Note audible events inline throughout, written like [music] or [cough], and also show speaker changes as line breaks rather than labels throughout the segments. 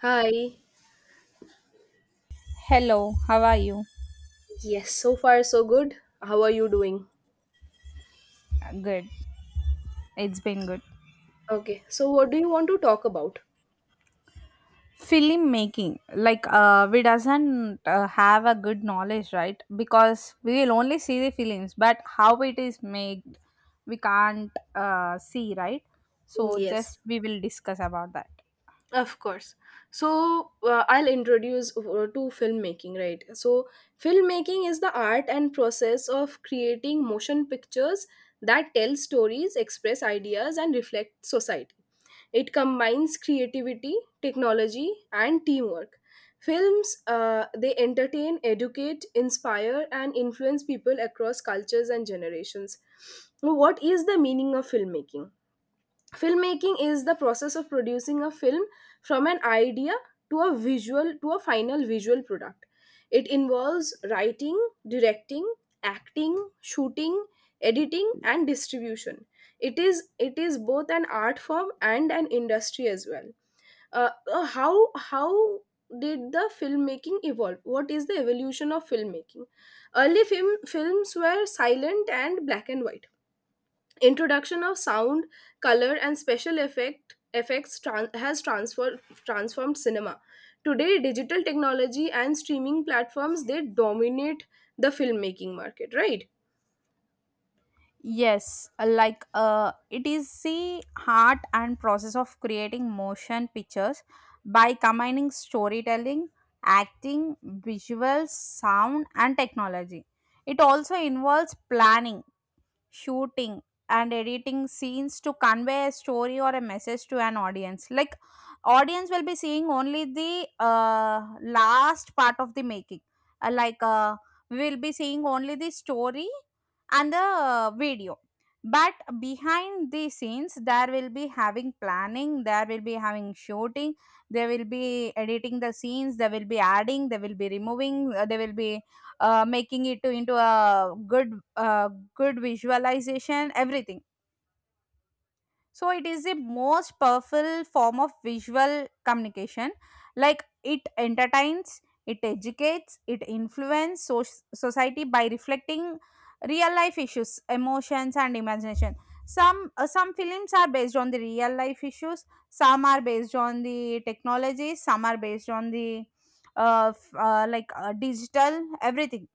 Hi.
Hello, how are you?
Yes, so far so good. How are you doing?
Good. It's been good.
Okay, so what do you want to talk about?
Film making, like we doesn't have a good knowledge, right? Because we will only see the films, but how it is made, we can't see, right?
Mm,
So just
yes.
we will discuss about that.
Of course. So I'll introduce to filmmaking, right? So filmmaking is the art and process of creating motion pictures that tell stories, express ideas, and reflect society. It combines creativity, technology, and teamwork. Films they entertain, educate, inspire, and influence people across cultures and generations. So, what is the meaning of filmmaking? Filmmaking is the process of producing a film from an idea to a visual to a final visual product. It involves writing, directing, acting, shooting, editing, and distribution. It is it is both an art form and an industry as well. Uh, uh, how how did the filmmaking evolve, what is the evolution of filmmaking? Early film Films were silent and black and white. Introduction of sound, color, and special effects has transformed cinema. Today, digital technology and streaming platforms, they dominate the filmmaking market, right?
Yes, like it is the heart and process of creating motion pictures by combining storytelling, acting, visuals, sound, and technology. It also involves planning shooting and editing scenes to convey a story or a message to an audience like audience will be seeing only the last part of the making. Like we will be seeing only the story and the video, but behind the scenes there will be having planning, there will be having shooting. They will be editing the scenes, they will be adding, they will be removing, they will be making it to into a good good visualization, everything. So it is the most powerful form of visual communication, like it entertains, it educates, it influences society by reflecting real life issues, emotions and imagination. Some films are based on the real life issues, some are based on the technology, some are based on the like digital everything.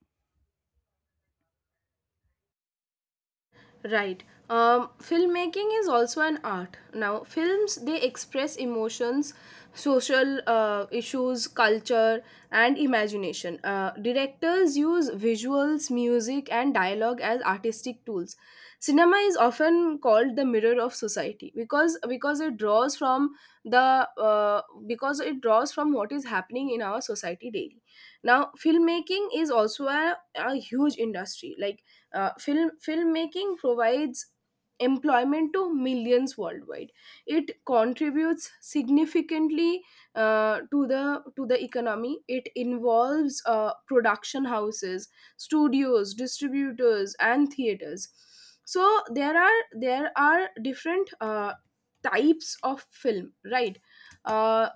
Right. Filmmaking is also an art. Now, films, they express emotions, social issues, culture, and imagination. Directors use visuals, music, and dialogue as artistic tools. Cinema is often called the mirror of society because it draws from what is happening in our society daily. Now, filmmaking is also a huge industry. Like filmmaking provides employment to millions worldwide. It contributes significantly to the economy. It involves production houses, studios, distributors, and theaters. So there are different types of film, right? Uh,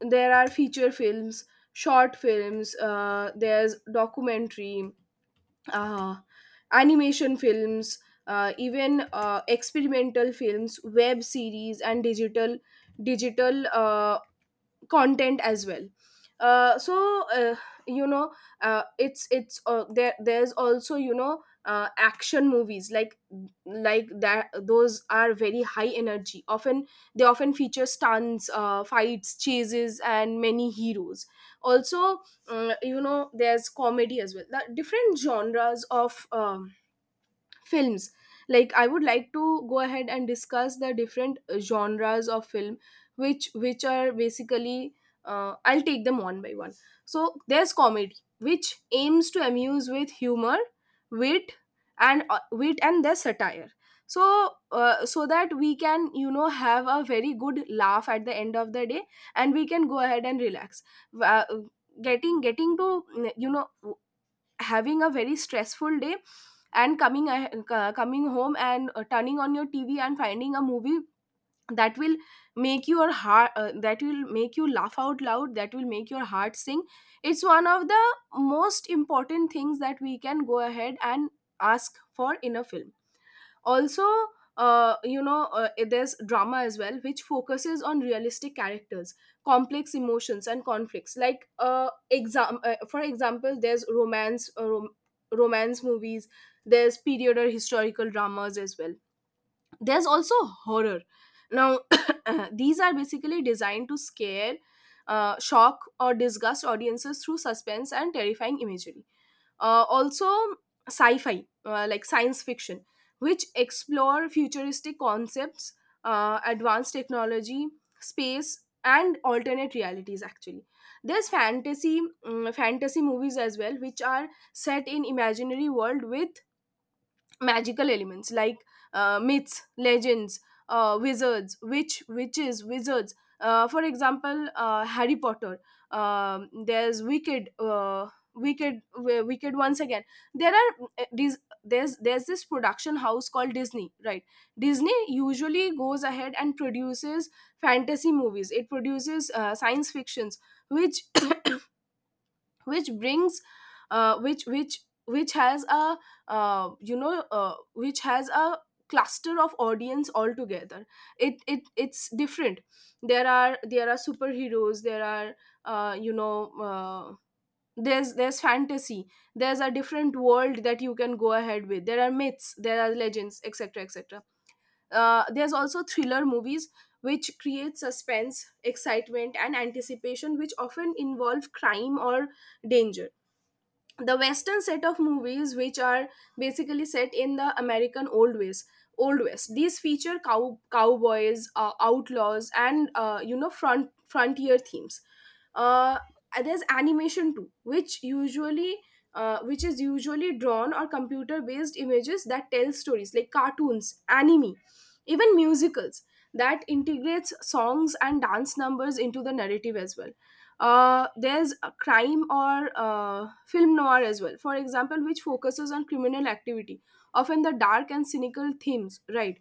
there are feature films, short films. There's documentary, uh, animation films, even experimental films, web series, and digital content as well. Uh, so you know it's there There's also, action movies, like that, those are very high energy. Often they often feature stunts, fights, chases, and many heroes. Also, there's comedy as well, the different genres of films. Like, I would like to go ahead and discuss the different genres of film, which are basically, I'll take them one by one. So there's comedy, which aims to amuse with humor, wit wit, and there's satire, so so that we can, you know, have a very good laugh at the end of the day and we can go ahead and relax. Uh, getting getting to, you know, having a very stressful day and coming home and turning on your tv and finding a movie that will make your heart that will make you laugh out loud, that will make your heart sing. It's one of the most important things that we can go ahead and ask for in a film. Also, there's drama as well, which focuses on realistic characters, complex emotions, and conflicts. Like exam for example, there's romance, romance movies. There's period or historical dramas as well. There's also horror. Now, [coughs] [clears throat] these are basically designed to scare, shock, or disgust audiences through suspense and terrifying imagery. Uh, also, sci fi, like science fiction, which explore futuristic concepts, advanced technology, space, and alternate realities. Actually, there's fantasy movies as well, which are set in imaginary world with magical elements, like myths, legends, uh, wizards, witches, wizards. Uh, for example, Harry Potter. Um, there's wicked, wicked once again. There are these There's this production house called Disney, right? Disney usually goes ahead and produces fantasy movies. It produces science fictions, which [coughs] which brings uh, which has a, which has a cluster of audience altogether. It's different. There are superheroes, there are, uh, there's fantasy, there's a different world that you can go ahead with. There are myths, there are legends, etc, etc. Uh, there's also thriller movies, which create suspense, excitement, and anticipation, which often involve crime or danger. The western set of movies, which are basically set in the American old ways, old west. These feature cowboys, outlaws, and, frontier themes. Uh, there's animation too, which usually which is usually drawn or computer based images that tell stories, like cartoons, anime, even musicals, that integrates songs and dance numbers into the narrative as well. Uh, there's a crime, or film noir as well, for example, which focuses on criminal activity, often the dark and cynical themes, right?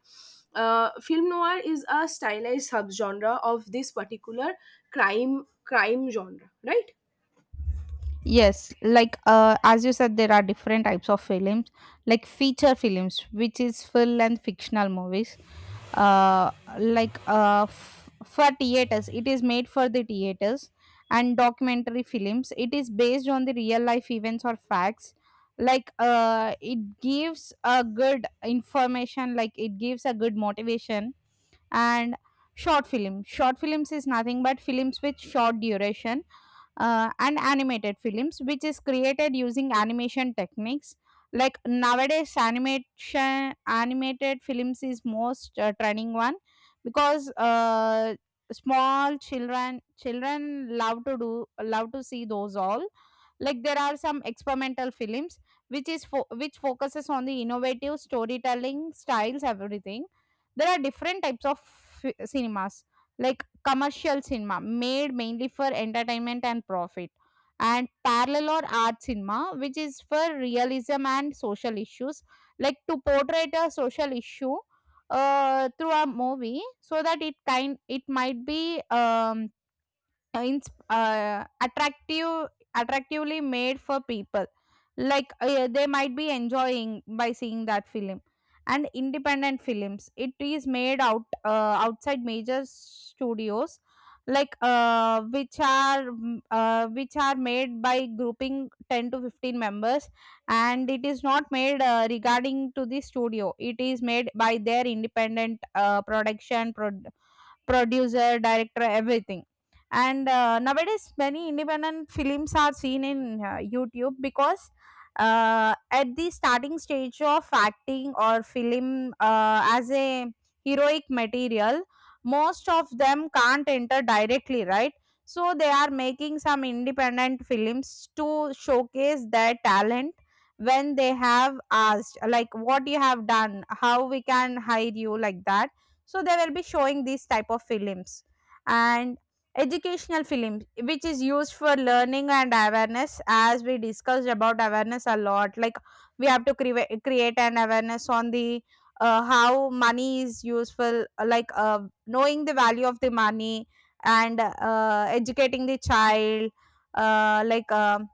Uh, film noir is a stylized subgenre of this particular crime genre, right?
Yes, like as you said, there are different types of films, like feature films, which is full length fictional movies. Uh, like for theaters, it is made for the theaters, and documentary films, it is based on the real life events or facts. Like it gives a good information, like it gives a good motivation, and short film. Short films is nothing but films with short duration, and animated films, which is created using animation techniques. Like nowadays, animation animated films is most trending one, because small children love to do love to see those all. Like there are some experimental films which which focuses on the innovative storytelling styles, everything. There are different types of cinemas, like commercial cinema made mainly for entertainment and profit, and parallel or art cinema which is for realism and social issues, like to portray a social issue through a movie so that it kind it might be uh, ins- attractive, attractively made for people, like they might be enjoying by seeing that film. And independent films, it is made outside major studios, like which are which are made by grouping 10 to 15 members, and it is not made regarding to the studio, it is made by their independent production producer director everything. And nowadays, many independent films are seen in YouTube, because at the starting stage of acting or film as a heroic material, most of them can't enter directly, right? So they are making some independent films to showcase their talent. When they have asked like what you have done, how we can hire you, like that, so they will be showing these type of films. And educational film, which is used for learning and awareness, as we discussed about awareness a lot, like we have to create an awareness on the how money is useful, like knowing the value of the money, and educating the child, uh, like um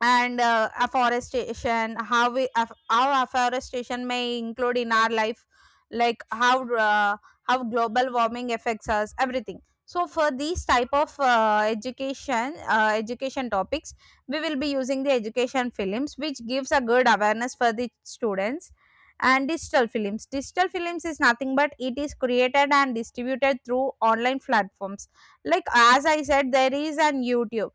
and afforestation, how we how afforestation may include in our life, like how global warming affects us everything. So for these type of education topics, we will be using the education films, which gives a good awareness for the students. And digital films, digital films is nothing but it is created and distributed through online platforms, like as I said, there is an YouTube,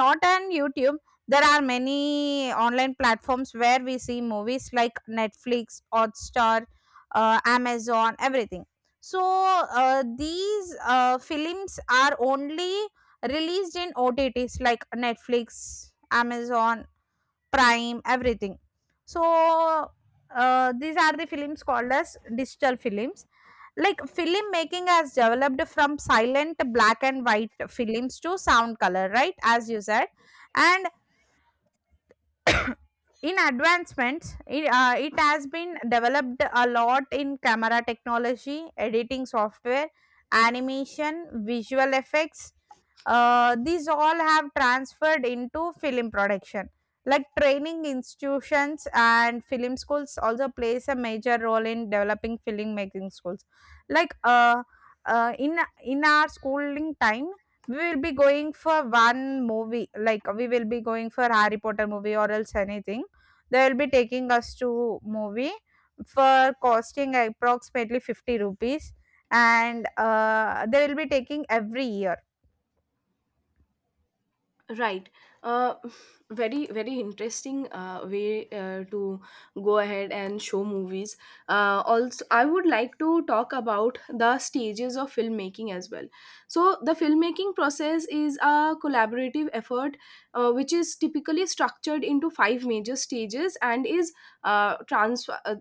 not on YouTube, there are many online platforms where we see movies like Netflix, Hotstar, Amazon, everything. So these films are only released in OTTs like Netflix, Amazon, Prime, everything. So these are the films called as digital films. Like film making has developed from silent black and white films to sound color, right, as you said. And in advancements, it has been developed a lot in camera technology, editing software, animation, visual effects. These all have transferred into film production. Like training institutions and film schools also plays a major role in developing film making schools. Like in our schooling time, we will be going for one movie, like we will be going for Harry Potter movie or else anything, they will be taking us to movie, for costing approximately 50 rupees, and they will be taking every year.
Right. Uh, [sighs] very, very interesting way to go ahead and show movies. Also, I would like to talk about the stages of filmmaking as well. So, the filmmaking process is a collaborative effort, which is typically structured into five major stages, and is transfer.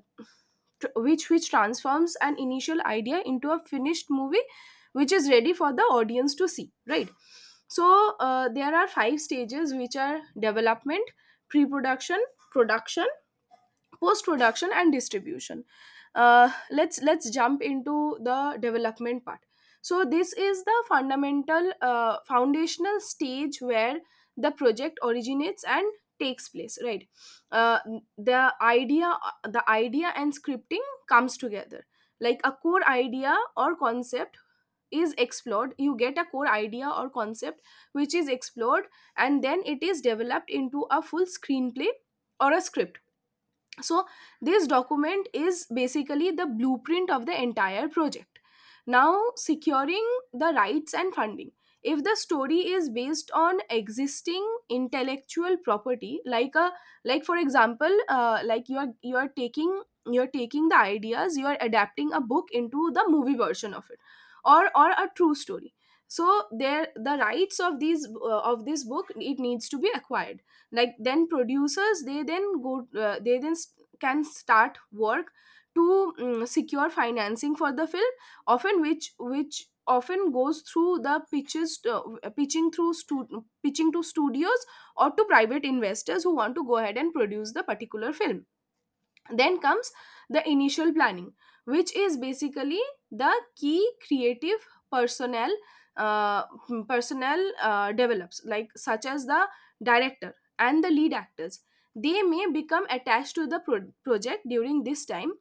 Tr- which transforms an initial idea into a finished movie, which is ready for the audience to see, right? So there are five stages, which are development, pre-production, production, post-production, and distribution. Uh, let's jump into the development part. So this is the fundamental foundational stage where the project originates and takes place, right? Uh, the idea the idea and scripting comes together. Like, a core idea or concept is explored. You get a core idea or concept which is explored, and then it is developed into a full screenplay or a script. So this document is basically the blueprint of the entire project. Now, securing the rights and funding. If the story is based on existing intellectual property, like a, like for example, you are, you are taking you're taking the ideas, you are adapting a book into the movie version of it, or a true story. So there the rights of these of this book, it needs to be acquired. Like, then producers, they then go, uh, they then s- can start work to, secure financing for the film, often which often goes through the pitches, pitching to studios or to private investors who want to go ahead and produce the particular film. Then comes the initial planning, which is basically the key creative personnel, personnel develops, like such as the director and the lead actors. They may become attached to the project during this time,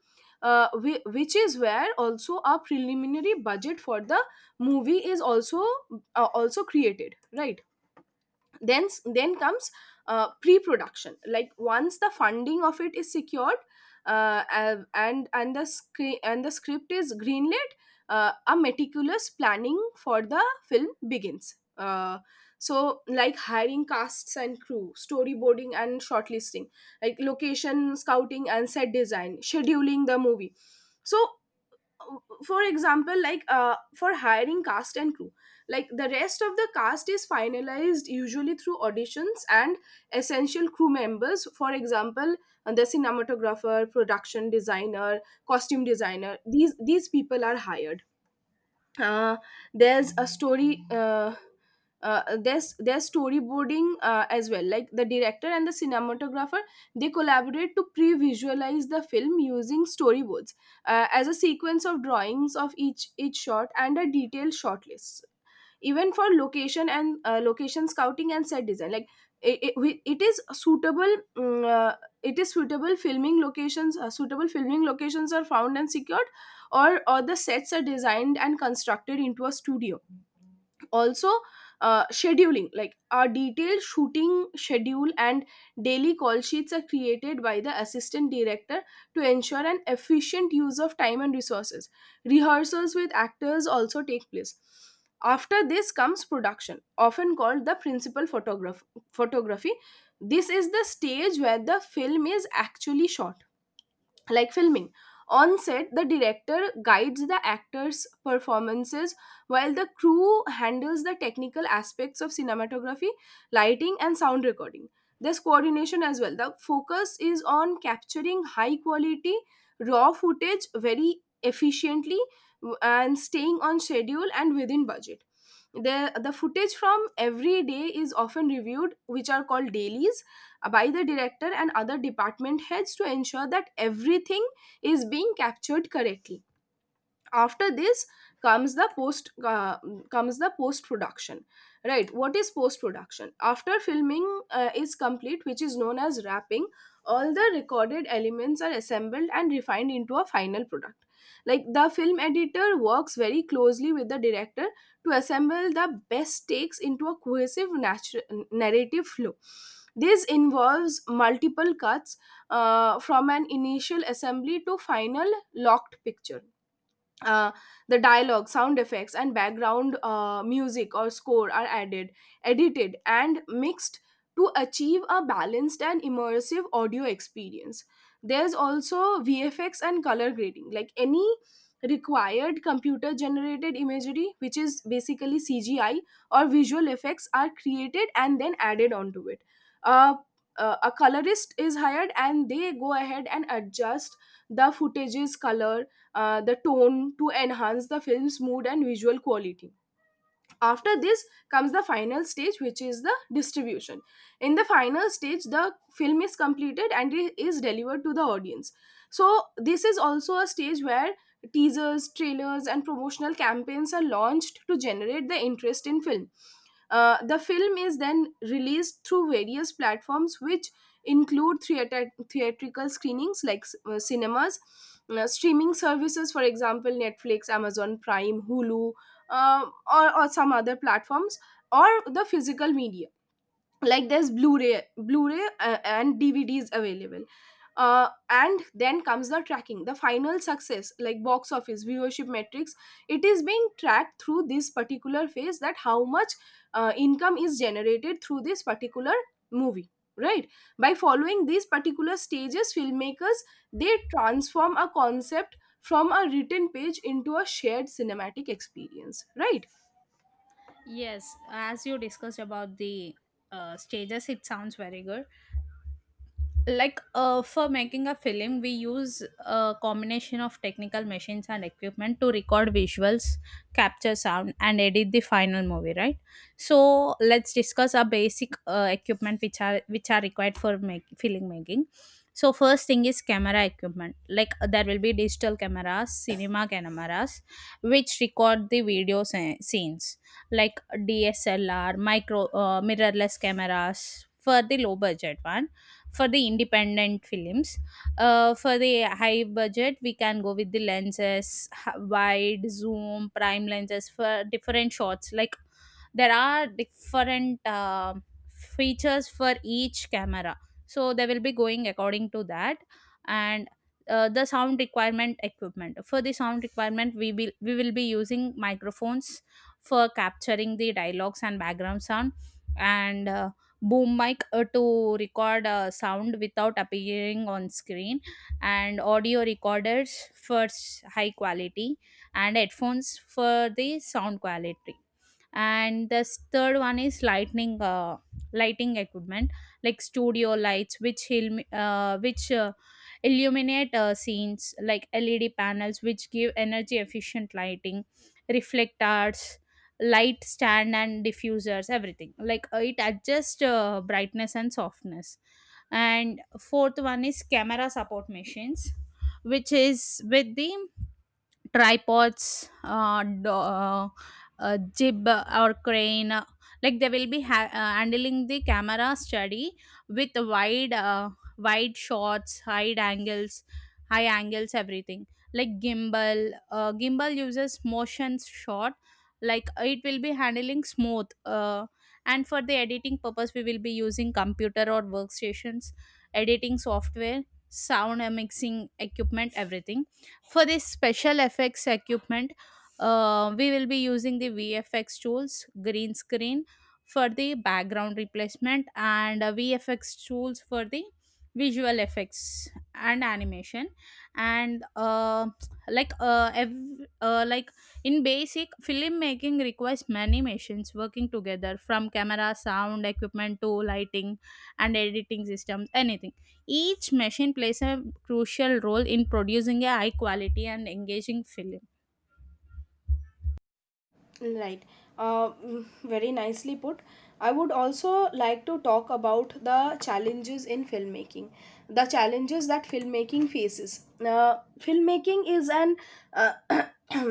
which is where also a preliminary budget for the movie is also, also created, right? Then comes pre-production. Like, once the funding of it is secured, and and the script is greenlit, a meticulous planning for the film begins. Uh, so, like hiring casts and crew, storyboarding and shortlisting, like location scouting and set design, scheduling the movie. So for example, like, for hiring cast and crew, like the rest of the cast is finalized usually through auditions, and essential crew members, for example, the cinematographer, production designer, costume designer, these people are hired. Uh, there's a story uh, uh, there's there's storyboarding as well. Like, the director and the cinematographer, they collaborate to pre-visualize the film using storyboards, as a sequence of drawings of each shot and a detailed shot list. Even for location, and location scouting and set design, like, it, it, it is suitable mm, uh, it is suitable filming locations, suitable filming locations are found and secured, or the sets are designed and constructed into a studio. Also, scheduling, like our detailed shooting schedule and daily call sheets are created by the assistant director to ensure an efficient use of time and resources. Rehearsals with actors also take place. After this comes production, often called the principal photograph photography. This is the stage where the film is actually shot, like filming. On set, the director guides the actors' performances while the crew handles the technical aspects of cinematography, lighting, and sound recording. There's coordination as well. The focus is on capturing high quality, raw footage very efficiently and staying on schedule and within budget. The footage from every day is often reviewed, which are called dailies, by the director and other department heads to ensure that everything is being captured correctly. After this comes the post production. Right, what is post production? After filming is complete, which is known as wrapping, all the recorded elements are assembled and refined into a final product. Like, the film editor works very closely with the director to assemble the best takes into a cohesive narrative flow. This involves multiple cuts, from an initial assembly to final locked picture. uh, the dialogue, sound effects, and background music or score are added, edited, and mixed to achieve a balanced and immersive audio experience. There's also VFX and color grading, like any required computer generated imagery, which is basically CGI or visual effects, are created and then added onto it. Uh, a colorist is hired and they go ahead and adjust the footage's color, the tone, to enhance the film's mood and visual quality. After this comes the final stage, which is the distribution. In the final stage, the film is completed and it is delivered to the audience. So, this is also a stage where teasers, trailers, and promotional campaigns are launched to generate the interest in film. The film is then released through various platforms, which include theatrical screenings like cinemas, streaming services, for example, Netflix, Amazon Prime, Hulu, or some other platforms, or the physical media, like there's blu-ray and dvds available. And then comes the tracking the final success, like box office viewership metrics. It is being tracked through this particular phase, that how much income is generated through this particular movie, right? By following these particular stages, filmmakers, they transform a concept from a written page into a shared cinematic experience, right?
Yes, as you discussed about the stages, it sounds very good. Like for making a film, we use a combination of technical machines and equipment to record visuals, capture sound and edit the final movie, right? So let's discuss our basic equipment, which are required for make, film making. So first thing is camera equipment, like there will be digital cameras, cinema cameras, which record the scenes, like DSLR micro, mirrorless cameras for the low budget one, for the independent films. For the high budget, we can go with the lenses, wide zoom prime lenses for different shots. Like there are different features for each camera, so they will be going according to that. And the sound requirement equipment, for the sound requirement we will be using microphones for capturing the dialogues and background sound, and boom mic to record sound without appearing on screen, and audio recorders for high quality, and headphones for the sound quality. And the third one is lighting lighting equipment, like studio lights which which illuminate scenes, like LED panels which give energy efficient lighting, reflectors, light stand and diffusers everything, like it adjusts brightness and softness. And fourth one is camera support machines, which is with the tripods, uh, do, uh, jib or crane. Like they will be handling the camera study with wide, wide shots, wide angles, high angles, everything. Like gimbal, gimbal uses motion shot. Like it will be handling smooth. And for the editing purpose, we will be using computer or workstations, editing software, sound and mixing equipment, everything. For this special effects equipment, we will be using the VFX tools, green screen for the background replacement, and VFX tools for the visual effects and animation. And like in basic filmmaking requires many machines working together, from camera sound equipment to lighting and editing systems anything. Each machine plays a crucial role in producing a high quality and engaging film.
Right. Very nicely put. I would also like to talk about the challenges in filmmaking, the challenges that filmmaking faces. Filmmaking is an uh, [clears throat]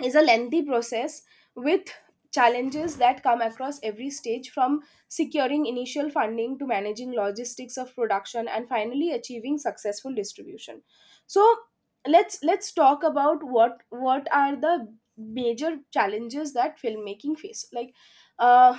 is a lengthy process with challenges that come across every stage, from securing initial funding to managing logistics of production and finally achieving successful distribution. So, let's talk about what are the major challenges that filmmaking face. Like, uh,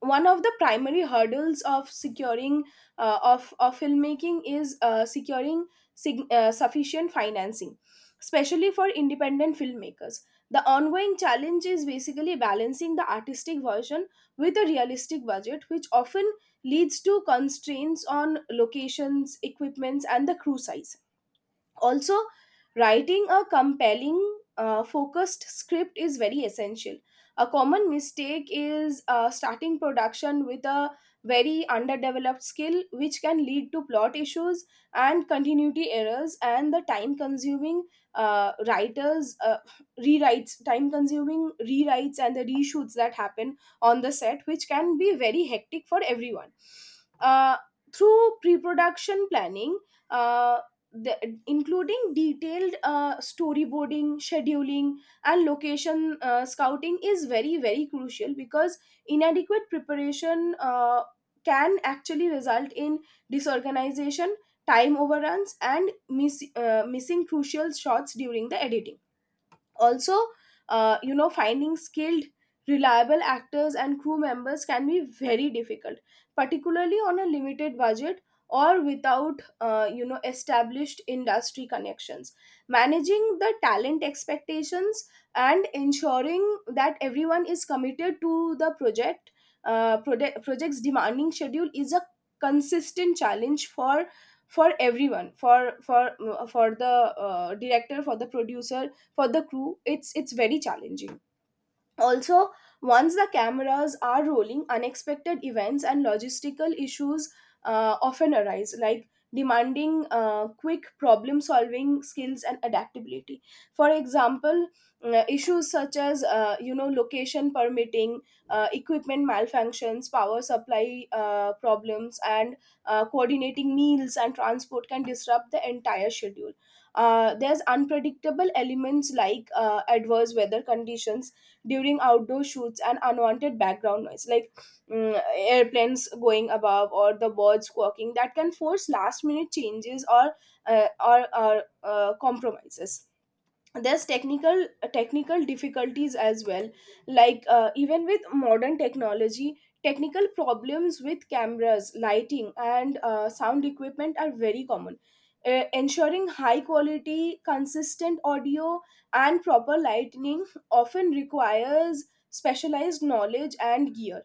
one of the primary hurdles of filmmaking is securing sufficient financing, especially for independent filmmakers. The ongoing challenge is basically balancing the artistic version with a realistic budget, which often leads to constraints on locations, equipments, and the crew size. Also, writing a compelling, focused script is very essential. A common mistake is starting production with a very underdeveloped skill, which can lead to plot issues and continuity errors, and the time consuming writers rewrites time consuming rewrites and the reshoots that happen on the set, which can be very hectic for everyone. uh, Through pre-production planning, uh, the, including detailed storyboarding, scheduling, and location scouting is very very crucial, because inadequate preparation can actually result in disorganization, time overruns, and missing crucial shots during the editing. Also, you know, finding skilled, reliable actors and crew members can be very difficult, particularly on a limited budget or without you know, established industry connections. Managing the talent expectations and ensuring that everyone is committed to the project, project's demanding schedule is a consistent challenge for everyone, for the director, for the producer, for the crew. It's very challenging. Also, once the cameras are rolling, unexpected events and logistical issues often arise, like demanding quick problem solving skills and adaptability. For example, issues such as you know, location permitting, equipment malfunctions, power supply problems, and coordinating meals and transport can disrupt the entire schedule. There's unpredictable elements like adverse weather conditions during outdoor shoots, and unwanted background noise like airplanes going above or the birds squawking, that can force last minute changes or compromises. There's technical difficulties as well, like even with modern technology, technical problems with cameras, lighting, and sound equipment are very common. Ensuring high quality, consistent audio and proper lighting often requires specialized knowledge and gear.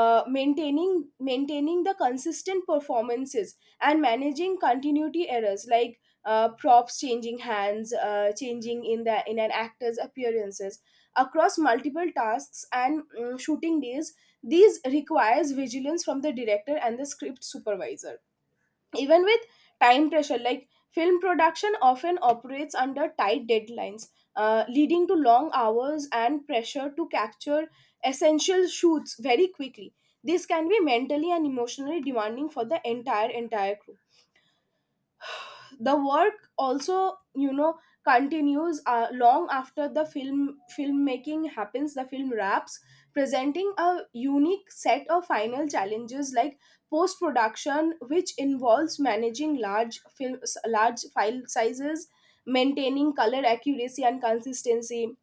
Uh, maintaining maintaining the consistent performances and managing continuity errors, like props changing hands, changing in the in an actor's appearances across multiple tasks and shooting days. These requires vigilance from the director and the script supervisor. Even with time pressure, like film production often operates under tight deadlines, leading to long hours and pressure to capture essential shoots very quickly. This can be mentally and emotionally demanding for the entire crew. The work also, you know, continues long after the filmmaking happens, the film wraps, presenting a unique set of final challenges, like post production, which involves managing large file sizes, maintaining color accuracy and consistency,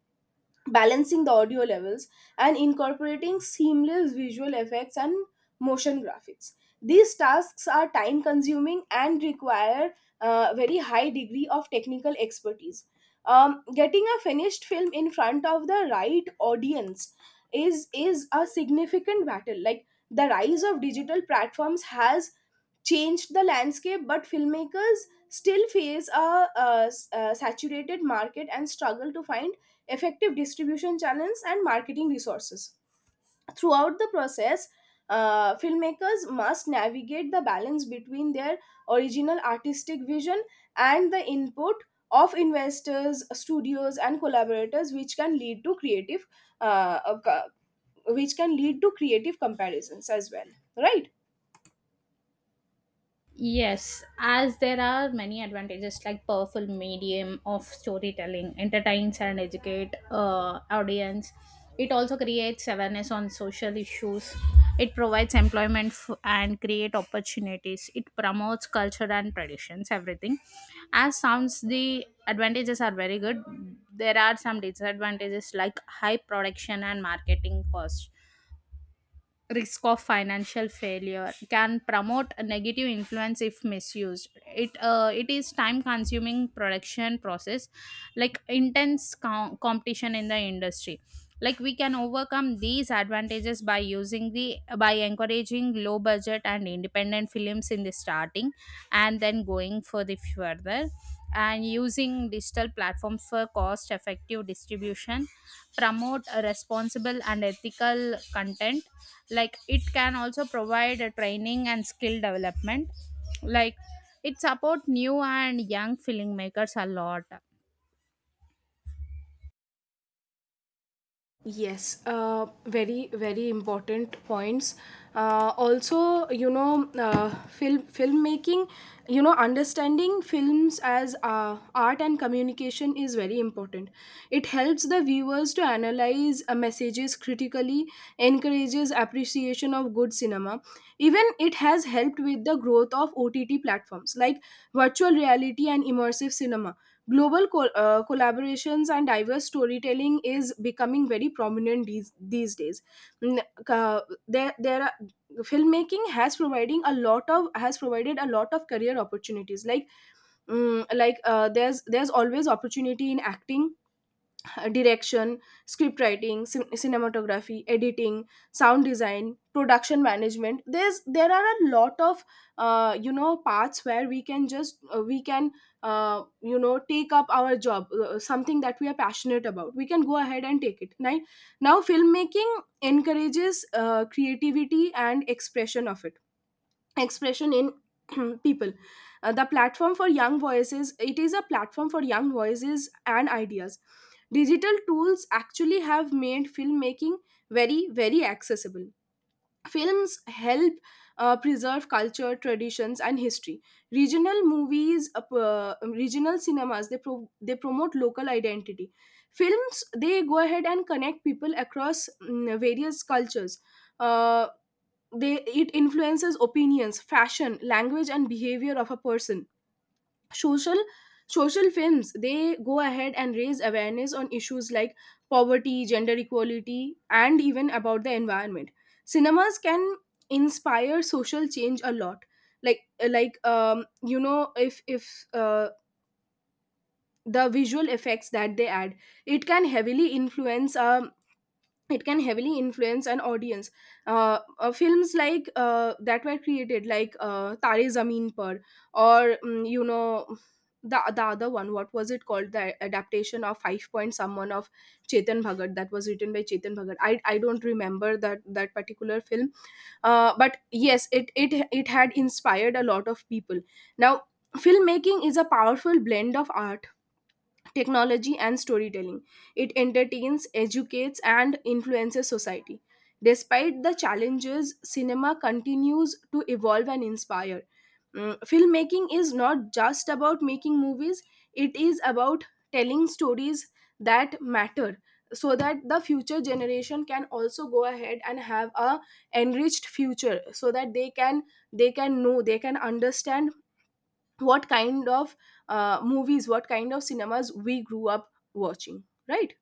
balancing the audio levels, and incorporating seamless visual effects and motion graphics. These tasks are time consuming and require a very high degree of technical expertise. Um, getting a finished film in front of the right audience is a significant battle. Like, the rise of digital platforms has changed the landscape, but filmmakers still face a saturated market and struggle to find effective distribution channels and marketing resources. Throughout the process, filmmakers must navigate the balance between their original artistic vision and the input of investors, studios, and collaborators, which can lead to uh, uh, co- which can lead to creative comparisons as well, right?
Yes, as there are many advantages like powerful medium of storytelling, entertains and educate audience. It also creates awareness on social issues. It provides employment and create opportunities. It promotes culture and traditions, everything. As sounds, the advantages are very good. There are some disadvantages like high production and marketing costs, risk of financial failure, can promote a negative influence if misused, it it is time consuming production process, like intense competition in the industry. Like we can overcome these advantages by using the, by encouraging low budget and independent films in the starting, and then going for the further, and using digital platforms for cost effective distribution, promote a responsible and ethical content. Like it can also provide a training and skill development. Like it support new and young filmmakers a lot.
Yes, very very important points. Also, you know, filmmaking, you know, understanding films as art and communication is very important. It helps the viewers to analyze messages critically, encourages appreciation of good cinema. Even it has helped with the growth of OTT platforms like virtual reality and immersive cinema, global collaborations and diverse storytelling is becoming very prominent these days. Mm, ca- there there are filmmaking has providing a lot of has provided a lot of career opportunities, like, there's always opportunity in acting, direction, script writing, cinematography, editing, sound design, production management. There are a lot of you know, parts where we can just we can, you know, take up our job, something that we are passionate about. We can go ahead and take it, right? Now, filmmaking encourages creativity and expression of it expression in [clears throat] people. The platform for young voices It is a platform for young voices and ideas. Digital tools actually have made filmmaking very very accessible. Films help preserve culture, traditions, and history. regional movies uh, p- uh, Regional cinemas, they promote local identity. Films, they go ahead and connect people across various cultures. Uh, they It influences opinions, fashion, language, and behavior of a person. social Social films, they go ahead and raise awareness on issues like poverty, gender equality, and even about the environment. Cinemas can inspire social change a lot. Like you know if The visual effects that they add, it can heavily influence, an audience. Films like, that were created, like, Tare Zameen Par, or you know, the other one, what was it called? The adaptation of Five Point Someone of Chetan Bhagat, that was written by Chetan Bhagat. I don't remember that particular film, but yes, it had inspired a lot of people. Now, filmmaking is a powerful blend of art, technology, and storytelling. It entertains, educates, and influences society. Despite the challenges, cinema continues to evolve and inspire. Filmmaking is not just about making movies, it is about telling stories that matter, so that the future generation can also go ahead and have a enriched future, so that they can, they can know, they can understand what kind of movies, what kind of cinemas we grew up watching, right?